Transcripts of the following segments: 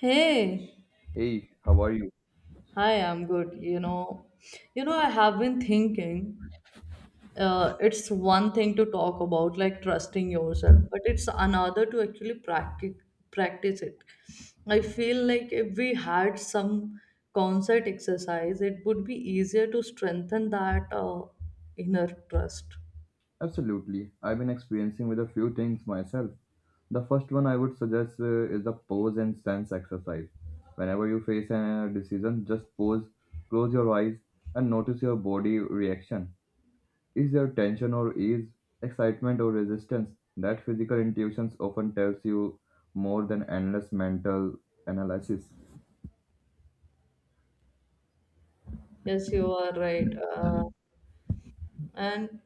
Hey, Hey, how are you? hi, I'm good. I have been thinking, it's one thing to talk about like trusting yourself, but it's another to actually practice it. I feel like if we had some concert exercise, it would be easier to strengthen that inner trust. Absolutely. I've been experiencing with a few things myself. The first one I would suggest is the pose and sense exercise. Whenever you face a decision, just pause, close your eyes, and notice your body reaction. Is there tension or ease, excitement or resistance? That physical intuitions often tells you more than endless mental analysis. Yes, you are right. Uh, and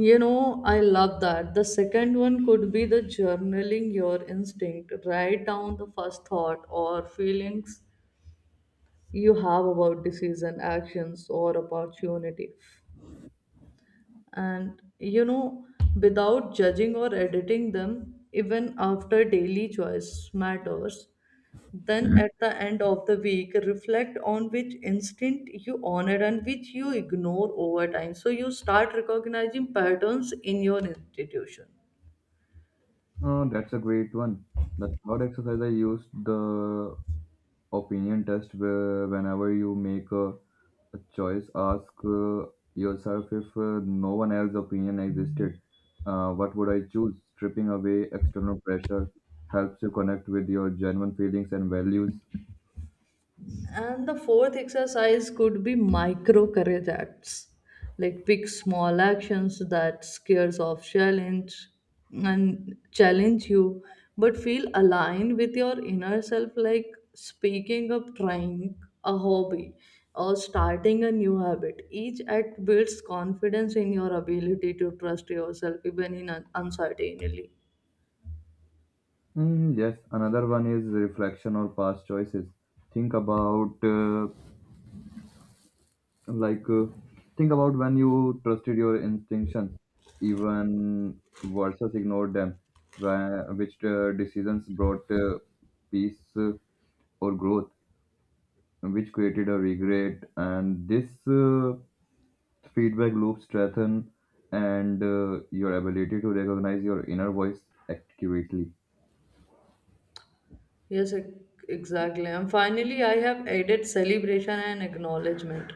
I love that. The second one could be the journaling your instinct. Write down the first thought or feelings you have about decision, actions, or opportunity. And you know, Without judging or editing them, even after daily choice matters, then at the end of the week, reflect on which instinct you honor and which you ignore over time. So you start recognizing patterns in your institution. Oh, that's a great one. The third exercise I used the opinion test where whenever you make a choice. Ask yourself if no one else's opinion existed, what would I choose? Stripping away external pressure helps you connect with your genuine feelings and values. And the fourth exercise could be micro courage acts, like pick small actions that scares off challenge and challenge you, but feel aligned with your inner self, like speaking up, trying a hobby, or starting a new habit. Each act builds confidence in your ability to trust yourself even in uncertainly. Mm, yes, another one is reflection or past choices. Think about like uh, think about when you trusted your instinctions, even versus ignored them, which decisions brought peace or growth. Which created a regret and this feedback loop strengthen and your ability to recognize your inner voice accurately. Yes, ex- exactly. And finally, I have added celebration and acknowledgement.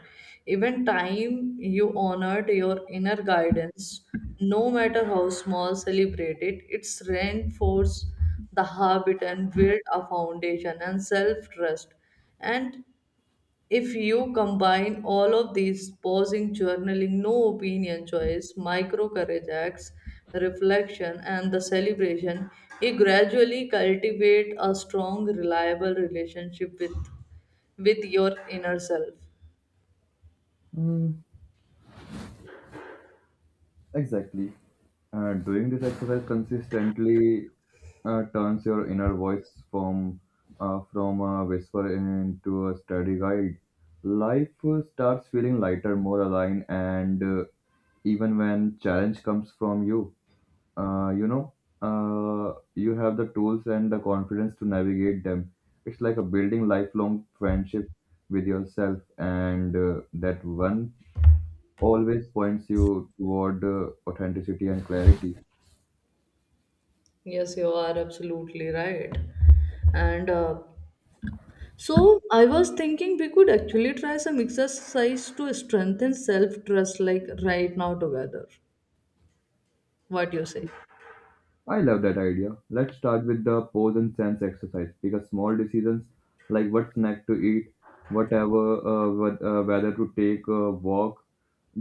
Even time you honored your inner guidance, no matter how small, celebrate it. It's reinforce the habit and build a foundation and self trust. And if you combine all of these pausing, journaling, no opinion choice, micro courage acts, reflection, and the celebration, you gradually cultivate a strong, reliable relationship with your inner self. Mm, exactly, and doing this exercise consistently turns your inner voice from a whisper into a steady guide. Life starts feeling lighter, more aligned, and even when challenge comes from you, uh, you know, you have the tools and the confidence to navigate them. It's like a building lifelong friendship with yourself, and that one always points you toward authenticity and clarity. Yes, you are absolutely right. And So I was thinking we could actually try some exercise to strengthen self trust, like right now together. What do you say? I love that idea. Let's start with the pose and sense exercise because small decisions like what snack to eat, whatever, whether to take a walk,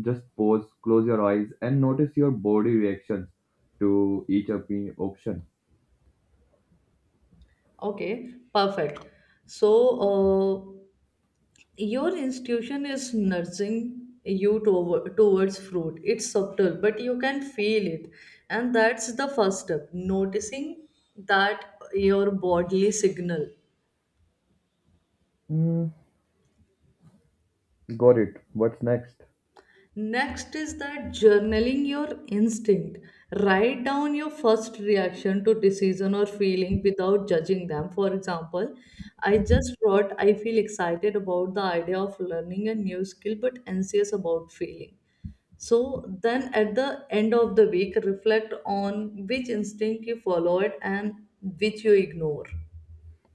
just pause, close your eyes, and notice your body reactions to each option. Okay, perfect. So, uh, your institution is nursing you towards fruit. It's subtle, but you can feel it. And that's the first step, noticing that your bodily signal. Mm, got it. What's next? Next is that journaling your instinct. Write down your first reaction to decision or feeling without judging them. For example, I just wrote, I feel excited about the idea of learning a new skill but anxious about failing. So then at the end of the week, reflect on which instinct you followed and which you ignore.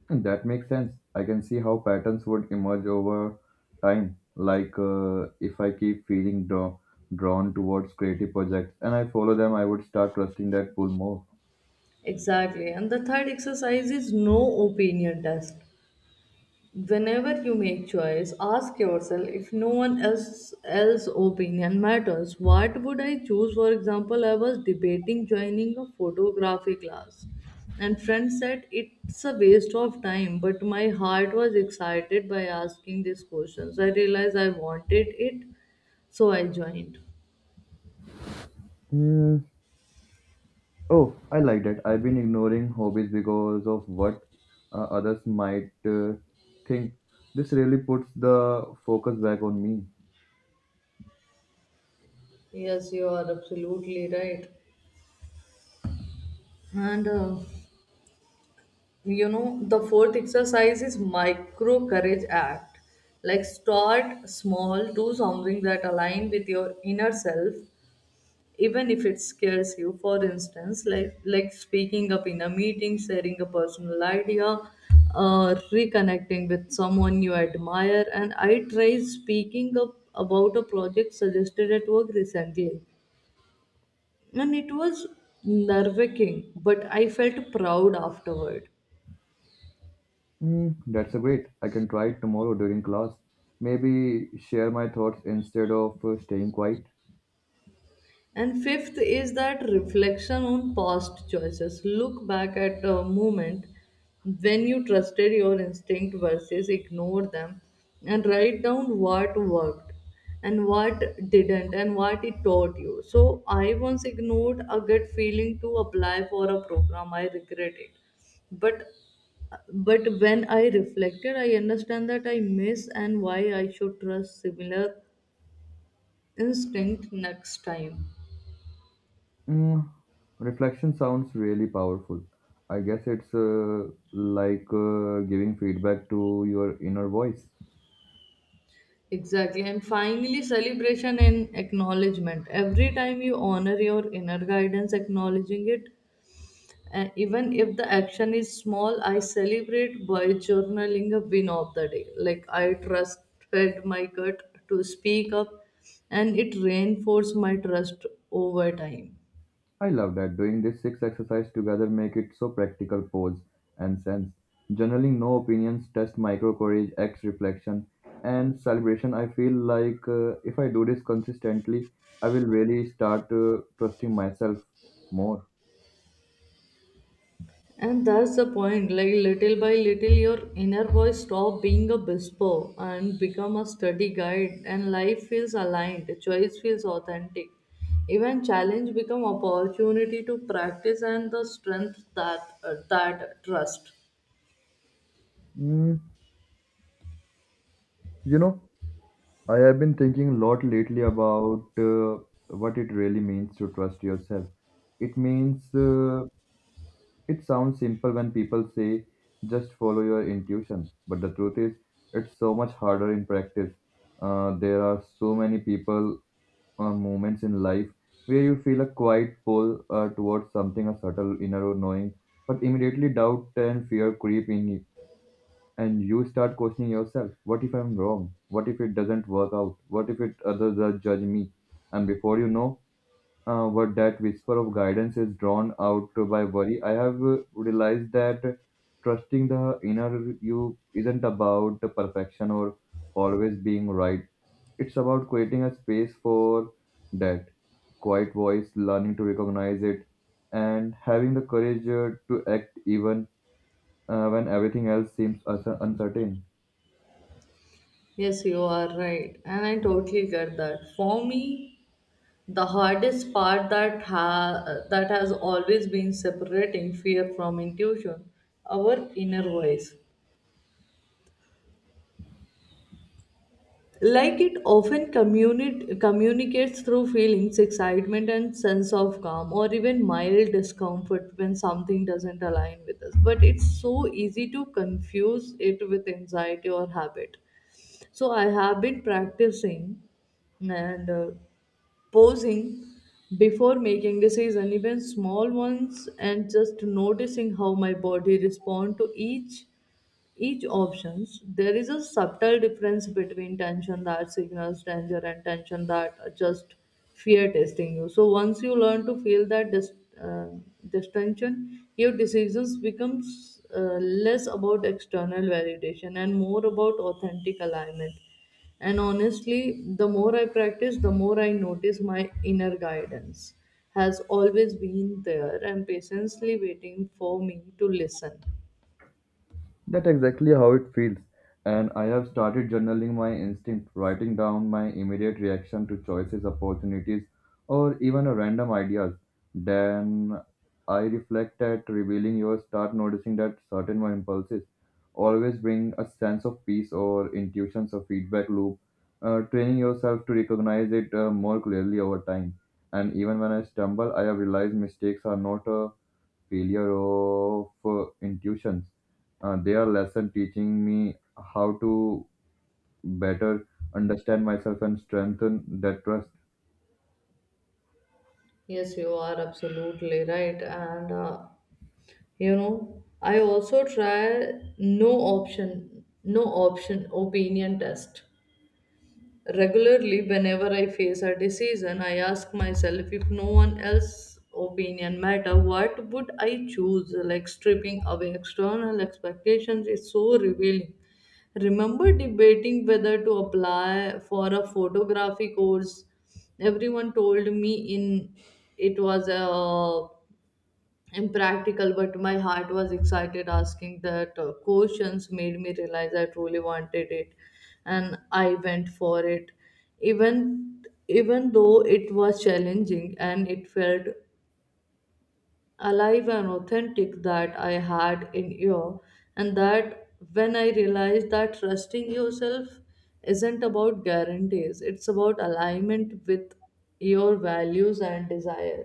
That makes sense. I can see how patterns would emerge over time. Like if I keep feeling drawn towards creative projects and I follow them, I would start trusting that pull more. Exactly. And the third exercise is no opinion test. Whenever you make choice, ask yourself if no one else else opinion matters. What would I choose? For example, I was debating joining a photography class, and friend said it's a waste of time. But my heart was excited by asking these questions. I realized I wanted it, so I joined. Mm, oh, I like that. I've been ignoring hobbies because of what others might think. This really puts the focus back on me. Yes, you are absolutely right. And You know the fourth exercise is micro courage act, like start small, do something that align with your inner self even if it scares you, for instance like speaking up in a meeting, sharing a personal idea, reconnecting with someone you admire. And I tried speaking up about a project suggested at work recently, and it was nerve-wracking but I felt proud afterward. Mm, that's a great. I can try it tomorrow during class. Maybe share my thoughts instead of staying quiet. And fifth is that reflection on past choices. Look back at a moment when you trusted your instinct versus ignore them, and write down what worked and what didn't and what it taught you. So I once ignored a gut feeling to apply for a program. I regret it. But but when I reflected, I understand that I miss and why I should trust similar instinct next time. Mm, reflection sounds really powerful. I guess it's giving feedback to your inner voice. Exactly. And finally, celebration and acknowledgement. Every time you honor your inner guidance, acknowledging it, even if the action is small, I celebrate by journaling a win of the day. Like I trusted my gut to speak up, and it reinforced my trust over time. I love that doing this six exercise together make it so practical. Pose and sense. Journaling, no opinions, test, micro courage, acts, reflection, and celebration. I feel like if I do this consistently, I will really start trusting myself more. And that's the point, like little by little, your inner voice stop being a whisper and become a study guide, and life feels aligned, choice feels authentic. Even challenge become opportunity to practice and the strength that that trust. Mm, you know, I have been thinking a lot lately about what it really means to trust yourself. It means uh, It sounds simple when people say just follow your intuition, but the truth is, it's so much harder in practice. There are so many people or moments in life where you feel a quiet pull towards something, a subtle inner knowing, but immediately doubt and fear creep in and you start questioning yourself. What if I'm wrong? What if it doesn't work out? What if it others will judge me? And before you know, but that whisper of guidance is drawn out by worry. I have realized that trusting the inner you isn't about the perfection or always being right. It's about creating a space for that quiet voice, learning to recognize it, and having the courage to act even when everything else seems uncertain. Yes, you are right, and I totally get that. For me, the hardest part that has always been separating fear from intuition, our inner voice. Like it often communicates through feelings, excitement, and sense of calm, or even mild discomfort when something doesn't align with us. But it's so easy to confuse it with anxiety or habit. So I have been practicing and posing before making decision even small ones, and just noticing how my body respond to each options. There is a subtle difference between tension that signals danger and tension that just fear testing you. So once you learn to feel that uh, distension, your decisions becomes less about external validation and more about authentic alignment. And honestly, the more I practice, the more I notice my inner guidance has always been there and patiently waiting for me to listen. That's exactly how it feels. And I have started journaling my instinct, writing down my immediate reaction to choices, opportunities, or even a random ideas. Then I reflect at revealing yours, start noticing that certain my impulses always bring a sense of peace or intuitions or feedback loop, training yourself to recognize it more clearly over time. And even when I stumble, I have realized mistakes are not a failure of intuitions. Their lesson teaching me how to better understand myself and strengthen that trust. Yes, you are absolutely right. And You know, I also try no option opinion test. Regularly, whenever I face a decision, I ask myself if no one else's opinion matter, what would I choose? Like stripping away external expectations is so revealing. Remember debating whether to apply for a photography course. Everyone told me in it was a impractical, but my heart was excited. Asking that questions made me realize I truly wanted it, and I went for it. even Even though it was challenging, and it felt alive and authentic that I had in you. And that when I realized that trusting yourself isn't about guarantees, it's about alignment with your values and desire.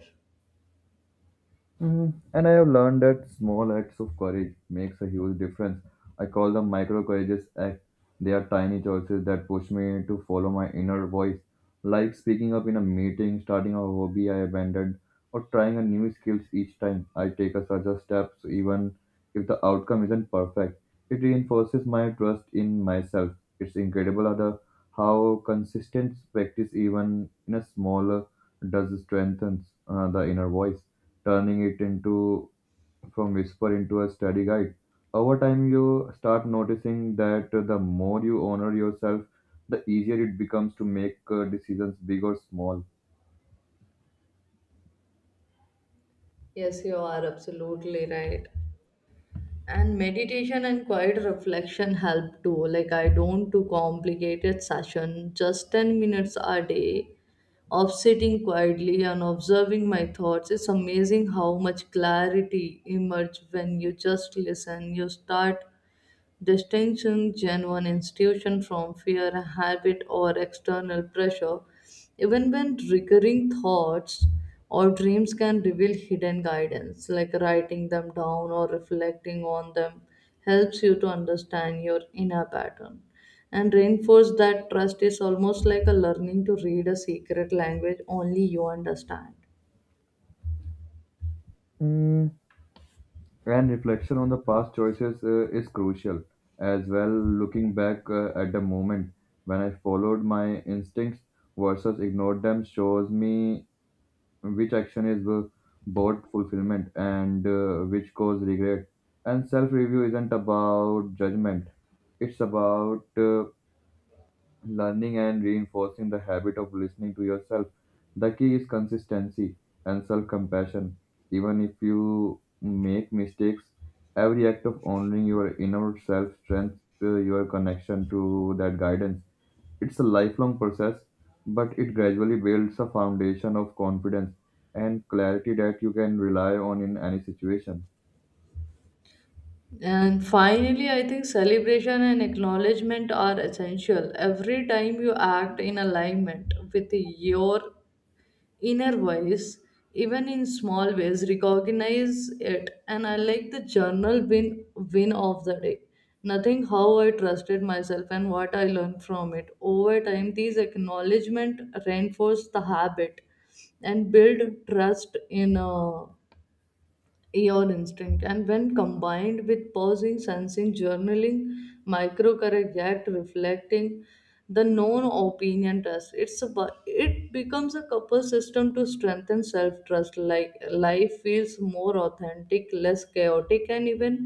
Mm, and I have learned that small acts of courage makes a huge difference. I call them micro courageous acts. They are tiny choices that push me to follow my inner voice, like speaking up in a meeting, starting a hobby I abandoned, or trying a new skills each time I take a such a step, so even if the outcome isn't perfect. It reinforces my trust in myself. It's incredible how how consistent practice, even in a smaller, does strengthens the inner voice, turning it into from whisper into a steady guide. Over time, you start noticing that the more you honor yourself, the easier it becomes to make decisions big or small. Yes, you are absolutely right. And meditation and quiet reflection help too. Like I don't do complicated session, just 10 minutes a day of sitting quietly and observing my thoughts. It's amazing how much clarity emerge when you just listen. You start distinction, genuine institution from fear, habit, or external pressure. Even when recurring thoughts or dreams can reveal hidden guidance, like writing them down or reflecting on them helps you to understand your inner pattern and reinforce that trust. Is almost like a learning to read a secret language only you understand. Mm, and reflection on the past choices is crucial as well. Looking back at the moment when I followed my instincts versus ignored them shows me which action is both fulfillment and which cause regret, and self review isn't about judgment. It's about learning and reinforcing the habit of listening to yourself. The key is consistency and self compassion. Even if you make mistakes, every act of honoring your inner self strengthens your connection to that guidance. It's a lifelong process, but it gradually builds a foundation of confidence and clarity that you can rely on in any situation. And finally, I think celebration and acknowledgement are essential. Every time you act in alignment with your inner voice, even in small ways, recognize it. And I like the journal win of the day. Nothing how I trusted myself and what I learned from it. Over time, these acknowledgement reinforce the habit and build trust in your instinct. And when combined with pausing, sensing, journaling, micro correct, reflecting, the known opinion test, it's about, it becomes a couple system to strengthen self-trust. Like life feels more authentic, less chaotic, and even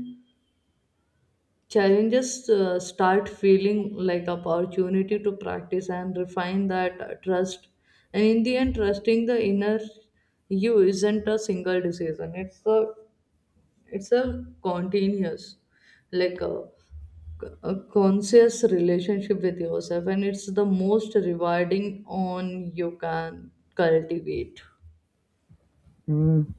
challenges start feeling like opportunity to practice and refine that trust. And in the end, trusting the inner you isn't a single decision, it's a continuous, like a conscious relationship with yourself, and it's the most rewarding on you can cultivate. Mm,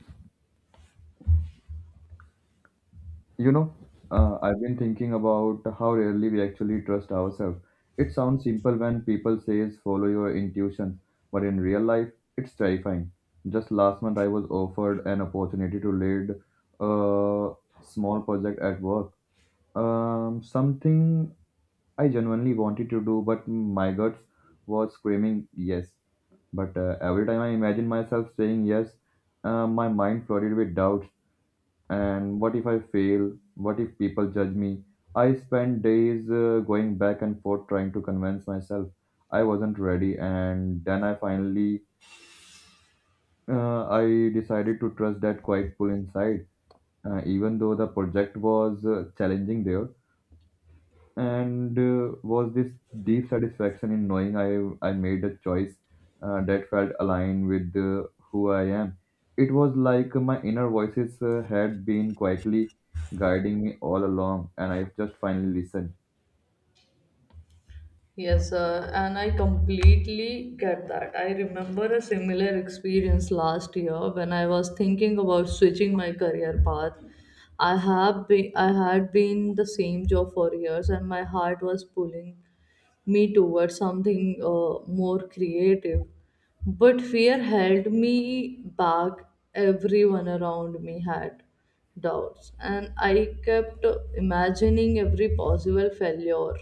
you know, I've been thinking about how rarely we actually trust ourselves. It sounds simple when people says follow your intuition, but in real life, it's terrifying. Just last month, I was offered an opportunity to lead a small project at work. Something I genuinely wanted to do, but my guts was screaming yes. But every time I imagined myself saying yes, my mind flooded with doubts and what if I fail? What if people judge me? I spent days going back and forth trying to convince myself I wasn't ready, and then I finally I decided to trust that quiet pull inside, even though the project was challenging there, and was this deep satisfaction in knowing I made a choice that felt aligned with who I am. It was like my inner voices had been quietly guiding me all along, and I just finally listened. Yes, and I completely get that. I remember a similar experience last year when I was thinking about switching my career path. I had been the same job for years, and my heart was pulling me towards something more creative. But fear held me back. Everyone around me had doubts, and I kept imagining every possible failure.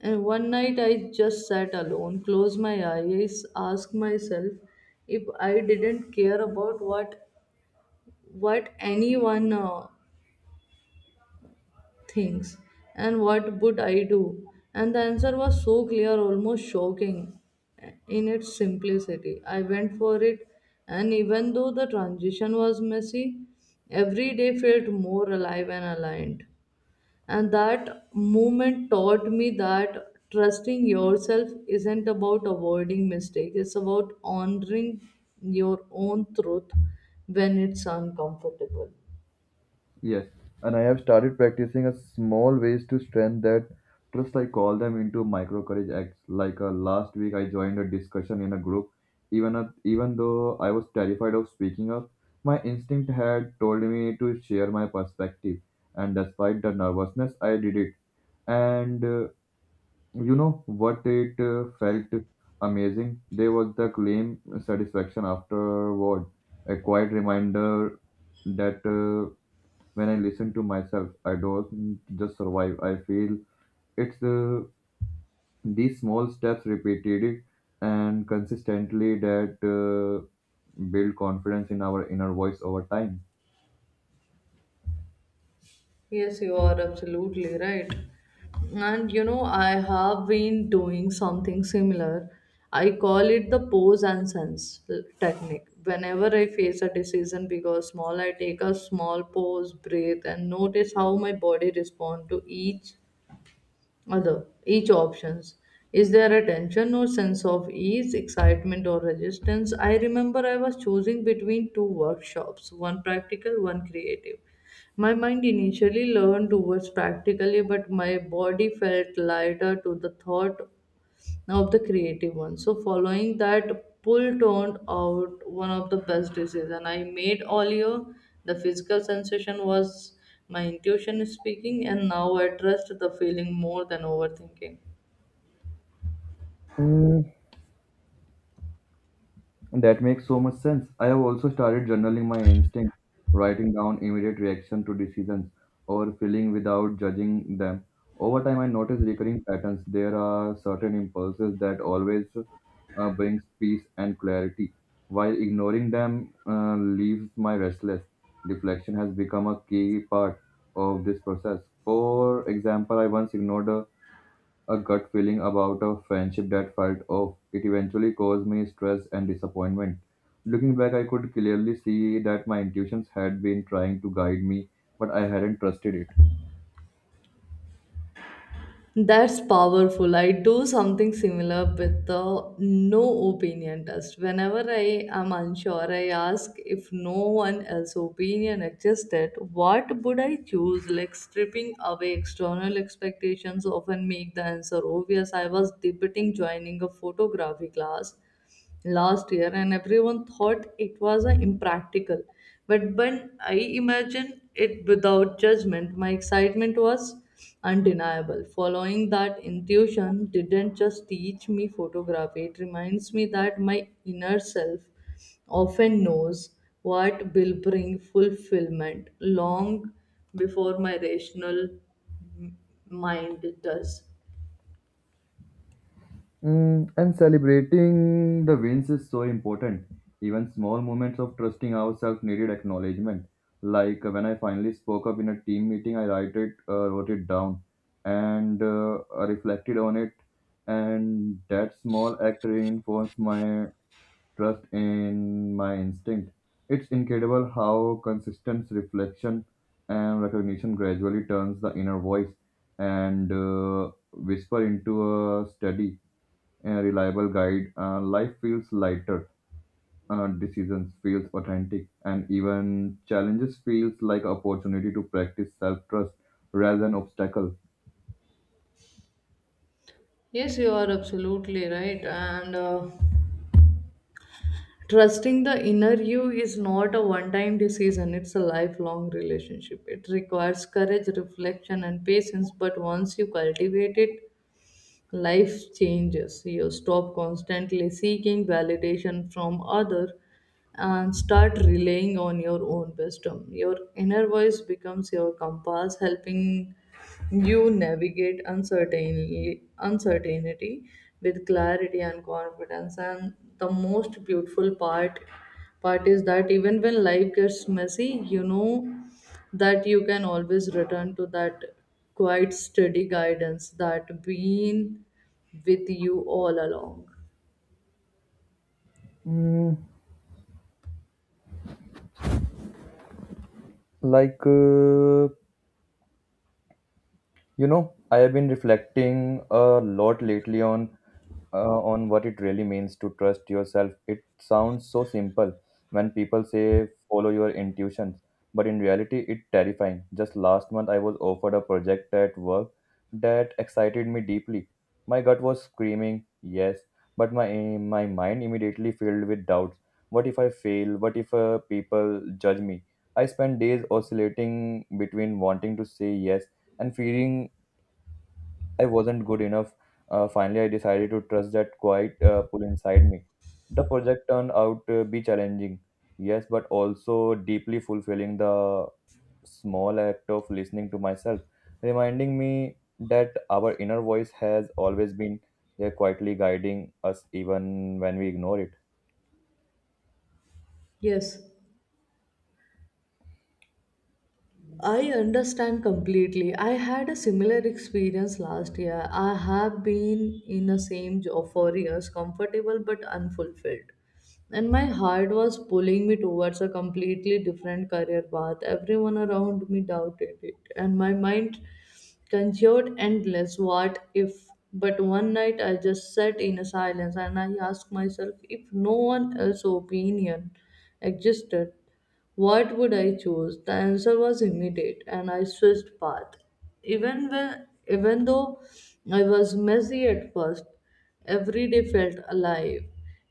And one night I just sat alone, closed my eyes, asked myself if I didn't care about what anyone things and what would I do? And the answer was so clear, almost shocking in its simplicity. I went for it, and even though the transition was messy, every day felt more alive and aligned. And that moment taught me that trusting yourself isn't about avoiding mistakes, it's about honoring your own truth when it's uncomfortable. Yes, and I have started practicing a small ways to strengthen that trust. I call them into micro courage acts. Like last week, I joined a discussion in a group. Even though I was terrified of speaking up, my instinct had told me to share my perspective. And despite the nervousness, I did it. And you know what? It felt amazing. There was the claim satisfaction afterward. A quiet reminder that. When I listen to myself, I don't just survive. I feel it's these small steps repeated and consistently that build confidence in our inner voice over time. Yes, you are absolutely right. And you know, I have been doing something similar. I call it the pose and sense technique. Whenever I face a decision, big or small, I take a small pause, breathe, and notice how my body responds to each options. Is there a tension or sense of ease, excitement or resistance? I remember I was choosing between two workshops, one practical, one creative. My mind initially leaned towards practically, but my body felt lighter to the thought of the creative one. So following that pull turned out one of the best decisions I made all year. The physical sensation was my intuition speaking, and now I trust the feeling more than overthinking. Mm, that makes so much sense. I have also started journaling my instinct, writing down immediate reaction to decisions or feeling without judging them. Over time, I notice recurring patterns. There are certain impulses that always brings peace and clarity, while ignoring them leaves my restless. Reflection has become a key part of this process. For example, I once ignored a gut feeling about a friendship that felt off. It eventually caused me stress and disappointment. Looking back, I could clearly see that my intuitions had been trying to guide me, but I hadn't trusted it. That's powerful. I do something similar with the no opinion test. Whenever I am unsure, I ask if no one else's opinion existed, what would I choose? Like stripping away external expectations often make the answer obvious. I was debating joining a photography class last year, and everyone thought it was impractical, but when I imagined it without judgment my excitement was undeniable. Following that intuition didn't just teach me photography, it reminds me that my inner self often knows what will bring fulfillment long before my rational m- mind does. Mm, and celebrating the wins is so important. Even small moments of trusting ourselves needed acknowledgement. Like when I finally spoke up in a team meeting, wrote it down and I reflected on it. And that small act reinforced my trust in my instinct. It's incredible how consistent reflection and recognition gradually turns the inner voice and whisper into a steady, a reliable guide. Life feels lighter, decisions feels authentic, and even challenges feels like opportunity to practice self-trust rather than obstacle. Yes, you are absolutely right, and trusting the inner you is not a one time decision, it's a lifelong relationship. It requires courage, reflection, and patience, but once you cultivate it, life changes. You stop constantly seeking validation from others and start relying on your own wisdom. Your inner voice becomes your compass, helping you navigate uncertainty with clarity and confidence. And the most beautiful part is that even when life gets messy, you know that you can always return to that quite steady guidance that been with you all along. Mm, like uh, you know, I have been reflecting a lot lately on what it really means to trust yourself. It sounds so simple when people say follow your intuitions, but in reality, it's terrifying. Just last month, I was offered a project at work that excited me deeply. My gut was screaming yes, but my mind immediately filled with doubts. What if I fail? What if people judge me? I spent days oscillating between wanting to say yes and fearing I wasn't good enough. Finally, I decided to trust that quiet pull inside me. The project turned out to be challenging, yes, but also deeply fulfilling. The small act of listening to myself, reminding me that our inner voice has always been there quietly guiding us even when we ignore it. Yes. I understand completely. I had a similar experience last year. I have been in the same job for years, comfortable but unfulfilled. And my heart was pulling me towards a completely different career path. Everyone around me doubted it, and my mind conjured endless what if. But one night I just sat in a silence and I asked myself, if no one else's opinion existed, what would I choose? The answer was immediate, and I switched path. Even though I was messy at first, every day felt alive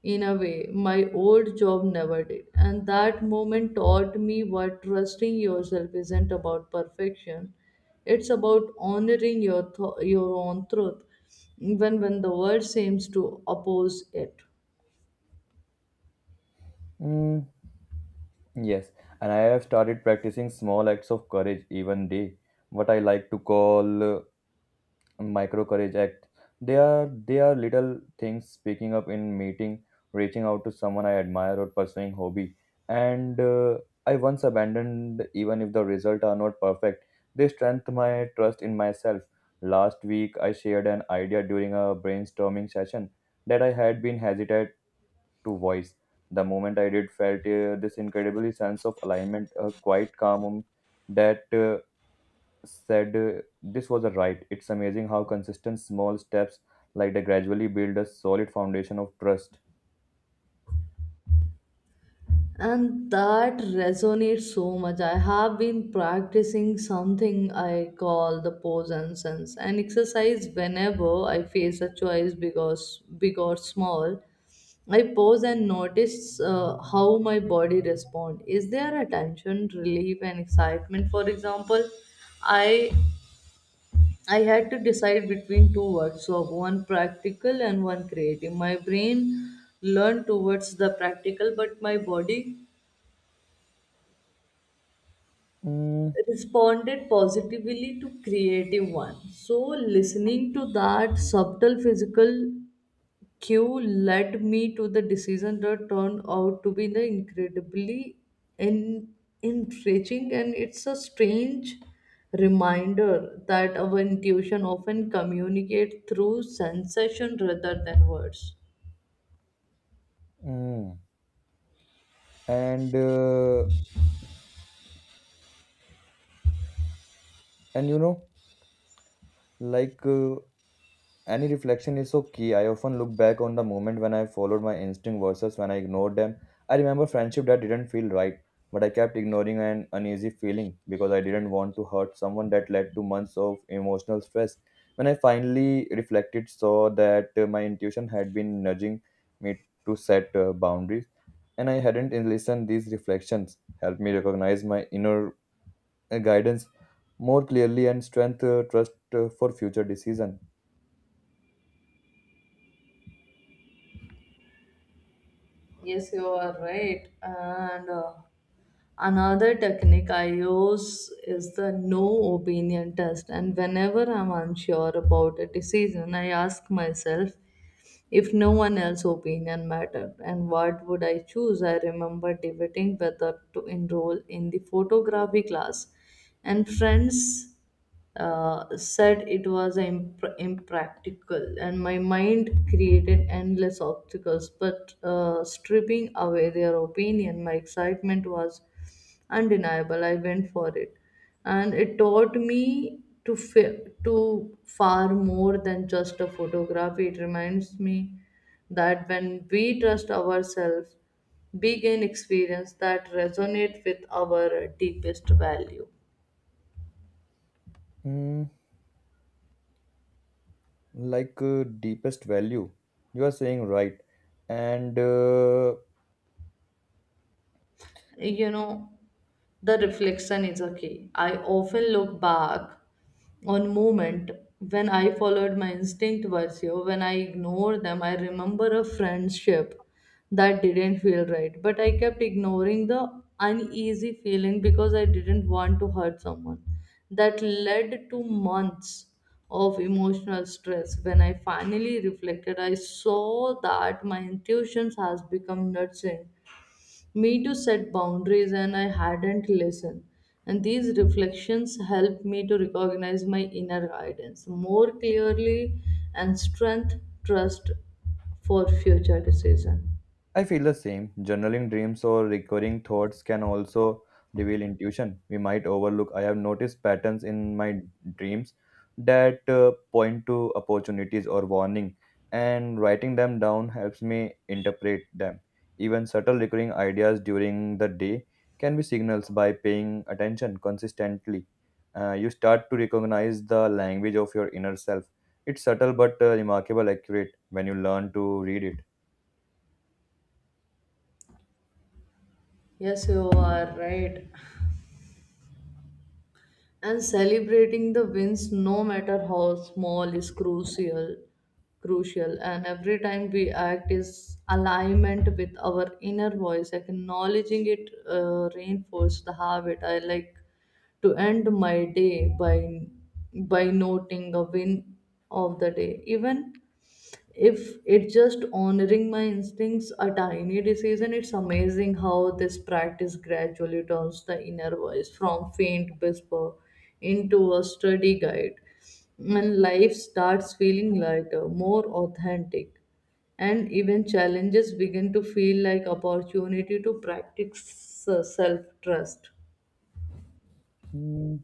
in a way my old job never did, and that moment taught me what trusting yourself isn't about perfection. It's about honoring your own truth, even when the world seems to oppose it. Mm, yes, and I have started practicing small acts of courage even day, what I like to call micro courage act. They are little things: speaking up in meeting, reaching out to someone I admire, or pursuing hobby. And I once abandoned. Even if the result are not perfect, they strengthen my trust in myself. Last week I shared an idea during a brainstorming session that I had been hesitant to voice. The moment I did felt this incredibly sense of alignment, a quiet calm that said this was a right. It's amazing how consistent small steps like that gradually build a solid foundation of trust. And that resonates so much. I have been practicing something I call the pose and sense an exercise whenever I face a choice, because big or small, I pause and notice how my body responds. Is there a tension, relief, and excitement? For example, I I had to decide between two words, so one practical and one creative. My brain learned towards the practical, but my body Mm, responded positively to creative one, so listening to that subtle physical cue led me to the decision that turned out to be the incredibly en- enriching. And it's a strange reminder that our intuition often communicates through sensation rather than words. mm. And uh, and you know, like Any reflection is so key. I often look back on the moment when I followed my instinct versus when I ignored them. I remember friendship that didn't feel right, but I kept ignoring an uneasy feeling because I didn't want to hurt someone. That led to months of emotional stress. When I finally reflected, saw that my intuition had been nudging me to set boundaries, and I hadn't listened. These reflections helped me recognize my inner guidance more clearly and strength trust for future decision. Yes, you are right. And Another technique I use is the no opinion test. And whenever I'm unsure about a decision, I ask myself, if no one else's opinion mattered, and what would I choose? I remember debating whether to enroll in the photography class, and friends said it was impractical, and my mind created endless obstacles. But stripping away their opinion, my excitement was undeniable. I went for it, and it taught me to far more than just a photography. It reminds me that when we trust ourselves, we gain experience that resonate with our deepest value. Mm, deepest value, you are saying, right. and You know, the reflection is a key. I often look back on moment when I followed my instinct versus when I ignored them. I remember a friendship that didn't feel right, but I kept ignoring the uneasy feeling because I didn't want to hurt someone. That led to months of emotional stress. When I finally reflected, I saw that my intuitions has become nurturing me to set boundaries, and I hadn't listened. And these reflections helped me to recognize my inner guidance more clearly and strength trust for future decision. I feel the same. Journaling dreams or recurring thoughts can also reveal intuition we might overlook. I have noticed patterns in my dreams that point to opportunities or warning, and writing them down helps me interpret them. Even subtle recurring ideas during the day can be signals. By paying attention consistently, you start to recognize the language of your inner self. It's subtle but remarkable accurate when you learn to read it. Yes, you are right. And celebrating the wins no matter how small is crucial. And every time we act is alignment with our inner voice, acknowledging it reinforce the habit. I like to end my day by noting a win of the day, even if it's just honoring my instincts a tiny decision. It's amazing how this practice gradually turns the inner voice from faint whisper into a steady guide, and life starts feeling lighter, more authentic, and even challenges begin to feel like opportunity to practice self trust. Hmm.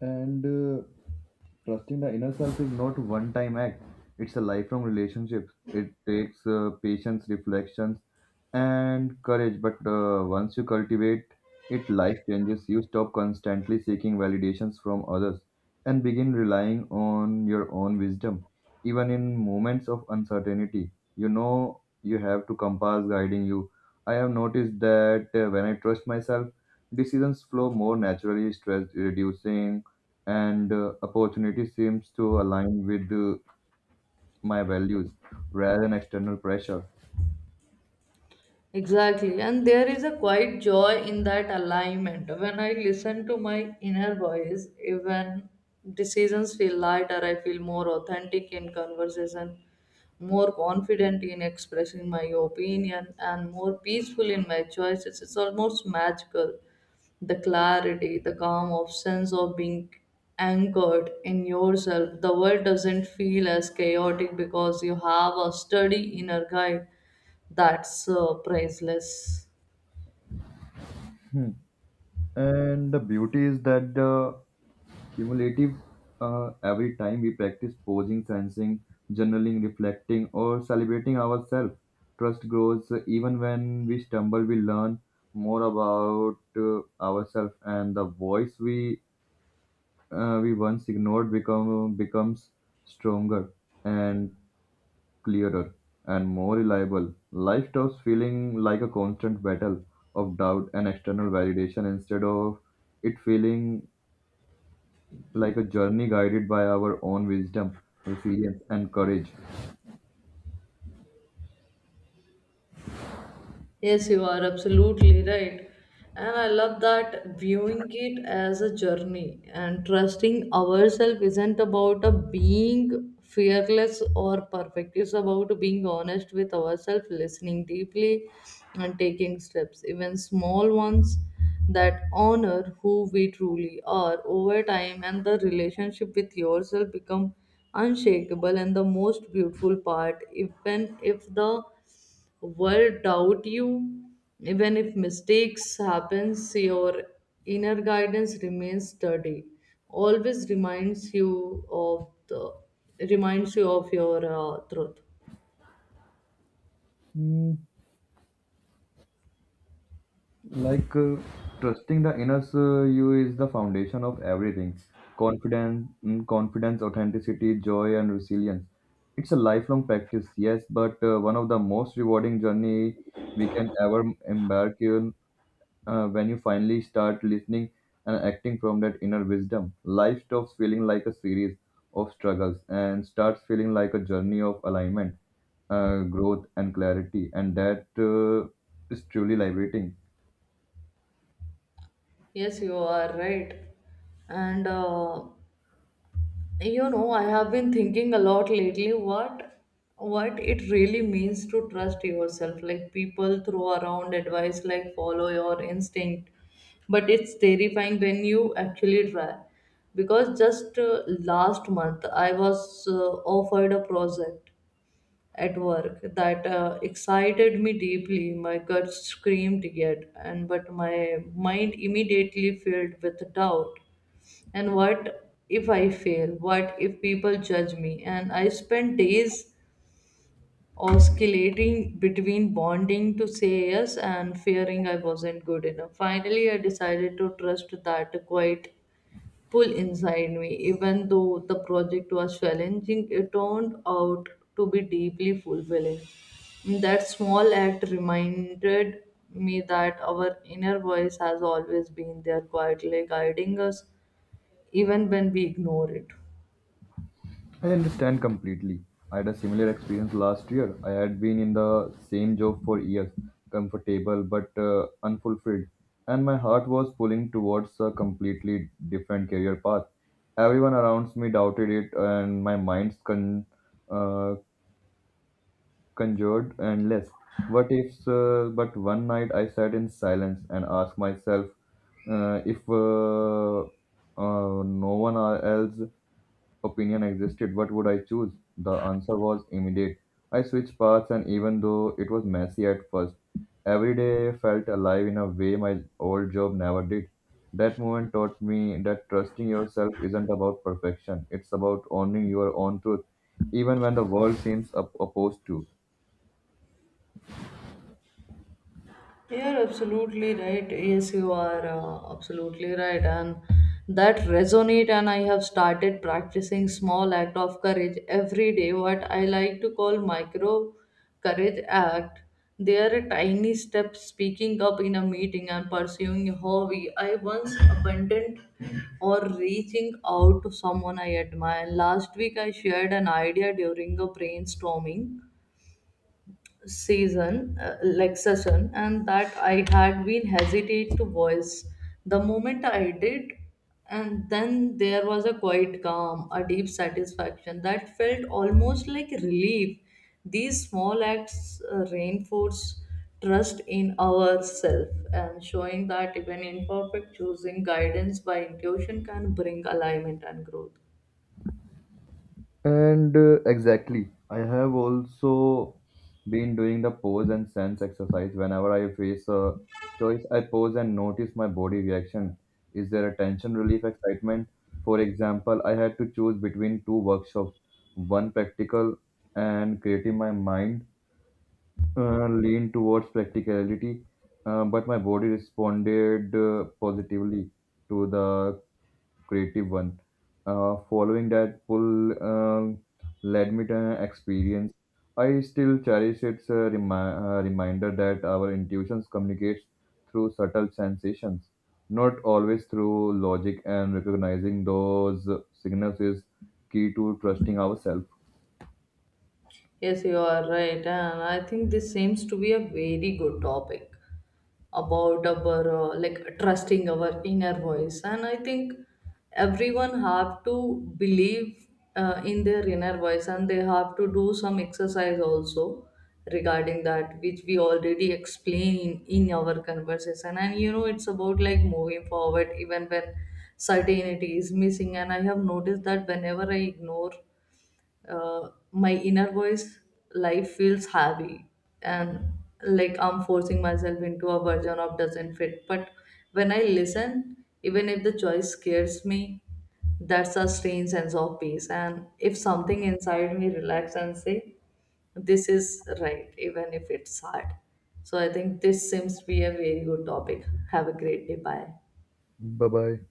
And trusting the inner self is not one time act, it's a lifelong relationship. It takes patience, reflections, and courage. But once you cultivate it, life changes. You stop constantly seeking validations from others and begin relying on your own wisdom. Even in moments of uncertainty, you know you have to compass guiding you. I have noticed that when I trust myself, decisions flow more naturally, stress reducing, and opportunity seems to align with my values rather than external pressure. Exactly, and there is a quiet joy in that alignment. When I listen to my inner voice, even decisions feel lighter, I feel more authentic in conversation, more confident in expressing my opinion, and more peaceful in my choices. It's almost magical. The clarity, the calm of sense of being anchored in yourself. The world doesn't feel as chaotic because you have a sturdy inner guide that's priceless. And the beauty is that the cumulative, every time we practice posing, sensing, journaling, reflecting, or celebrating ourselves, trust grows. Even when we stumble, we learn more about ourselves, and the voice we once ignored becomes stronger, and clearer, and more reliable. Life stops feeling like a constant battle of doubt and external validation. Instead of it feeling like a journey guided by our own wisdom, resilience, and courage. Yes, you are absolutely right. And I love that viewing it as a journey. And trusting ourselves isn't about a being fearless or perfect. It's about being honest with ourselves, listening deeply and taking steps, even small ones that honor who we truly are. Over time, and the relationship with yourself become unshakable. And the most beautiful part, even if the world doubt you, even if mistakes happens, your inner guidance remains sturdy, always reminds you of the reminds you of your truth. Mm, like uh, trusting the inner you is the foundation of everything: confidence, mm, confidence, authenticity, joy, and resilience. It's a lifelong practice, yes, but one of the most rewarding journey we can ever embark in. When you finally start listening and acting from that inner wisdom, life stops feeling like a series of struggles and starts feeling like a journey of alignment, growth, and clarity. And that is truly liberating. Yes, you are right. and You know, I have been thinking a lot lately what it really means to trust yourself. Like people throw around advice like follow your instinct, but it's terrifying when you actually try. Because just last month I was offered a project at work that excited me deeply. My gut screamed yet, and but my mind immediately filled with doubt. And what if I fail? What if people judge me? And I spent days oscillating between bonding to say yes and fearing I wasn't good enough. Finally, I decided to trust that quiet pull inside me. Even though the project was challenging, it turned out to be deeply fulfilling. That small act reminded me that our inner voice has always been there quietly guiding us even when we ignore it. I understand completely. I had a similar experience last year. I had been in the same job for years, comfortable but unfulfilled, and my heart was pulling towards a completely different career path. Everyone around me doubted it, and my mind uh, conjured endless. What if? But one night I sat in silence and asked myself, if no one else opinion existed, what would I choose? The answer was immediate. I switched paths, and even though it was messy at first, every day felt alive in a way my old job never did. That moment taught me that trusting yourself isn't about perfection, it's about owning your own truth, even when the world seems opposed to. You're absolutely right. Yes, you are absolutely right, and that resonate. And I have started practicing small act of courage every day, what I like to call micro courage act. They are a tiny step, speaking up in a meeting and pursuing a hobby I once abandoned, or reaching out to someone I admire. Last week I shared an idea during a brainstorming season like session, and that I had been hesitate to voice. The moment I did, and then there was a quiet calm, a deep satisfaction that felt almost like relief. These small acts reinforce trust in ourselves, and showing that even imperfect choosing guidance by intuition can bring alignment and growth. And Exactly, I have also been doing the pose and sense exercise. Whenever I face a choice, I pose and notice my body reaction. Is there a tension, relief, excitement? For example, I had to choose between two workshops, one practical and creative. My mind leaned towards practicality, but my body responded positively to the creative one. Following that pull led me to an experience I still cherish. Its reminder that our intuitions communicates through subtle sensations, not always through logic, and recognizing those signals is key to trusting ourselves. Yes, you are right, and I think this seems to be a very good topic about our like trusting our inner voice, and I think everyone have to believe in their inner voice, and they have to do some exercise also regarding that, which we already explained in our conversation. And you know, it's about like moving forward even when certainty is missing. And I have noticed that whenever I ignore my inner voice, life feels heavy and like I'm forcing myself into a version of doesn't fit. But when I listen, even if the choice scares me, that's a strange sense of peace, and if something inside me relax and say this is right even if it's hard. So I think this seems to be a very good topic. Have a great day. Bye. Bye bye.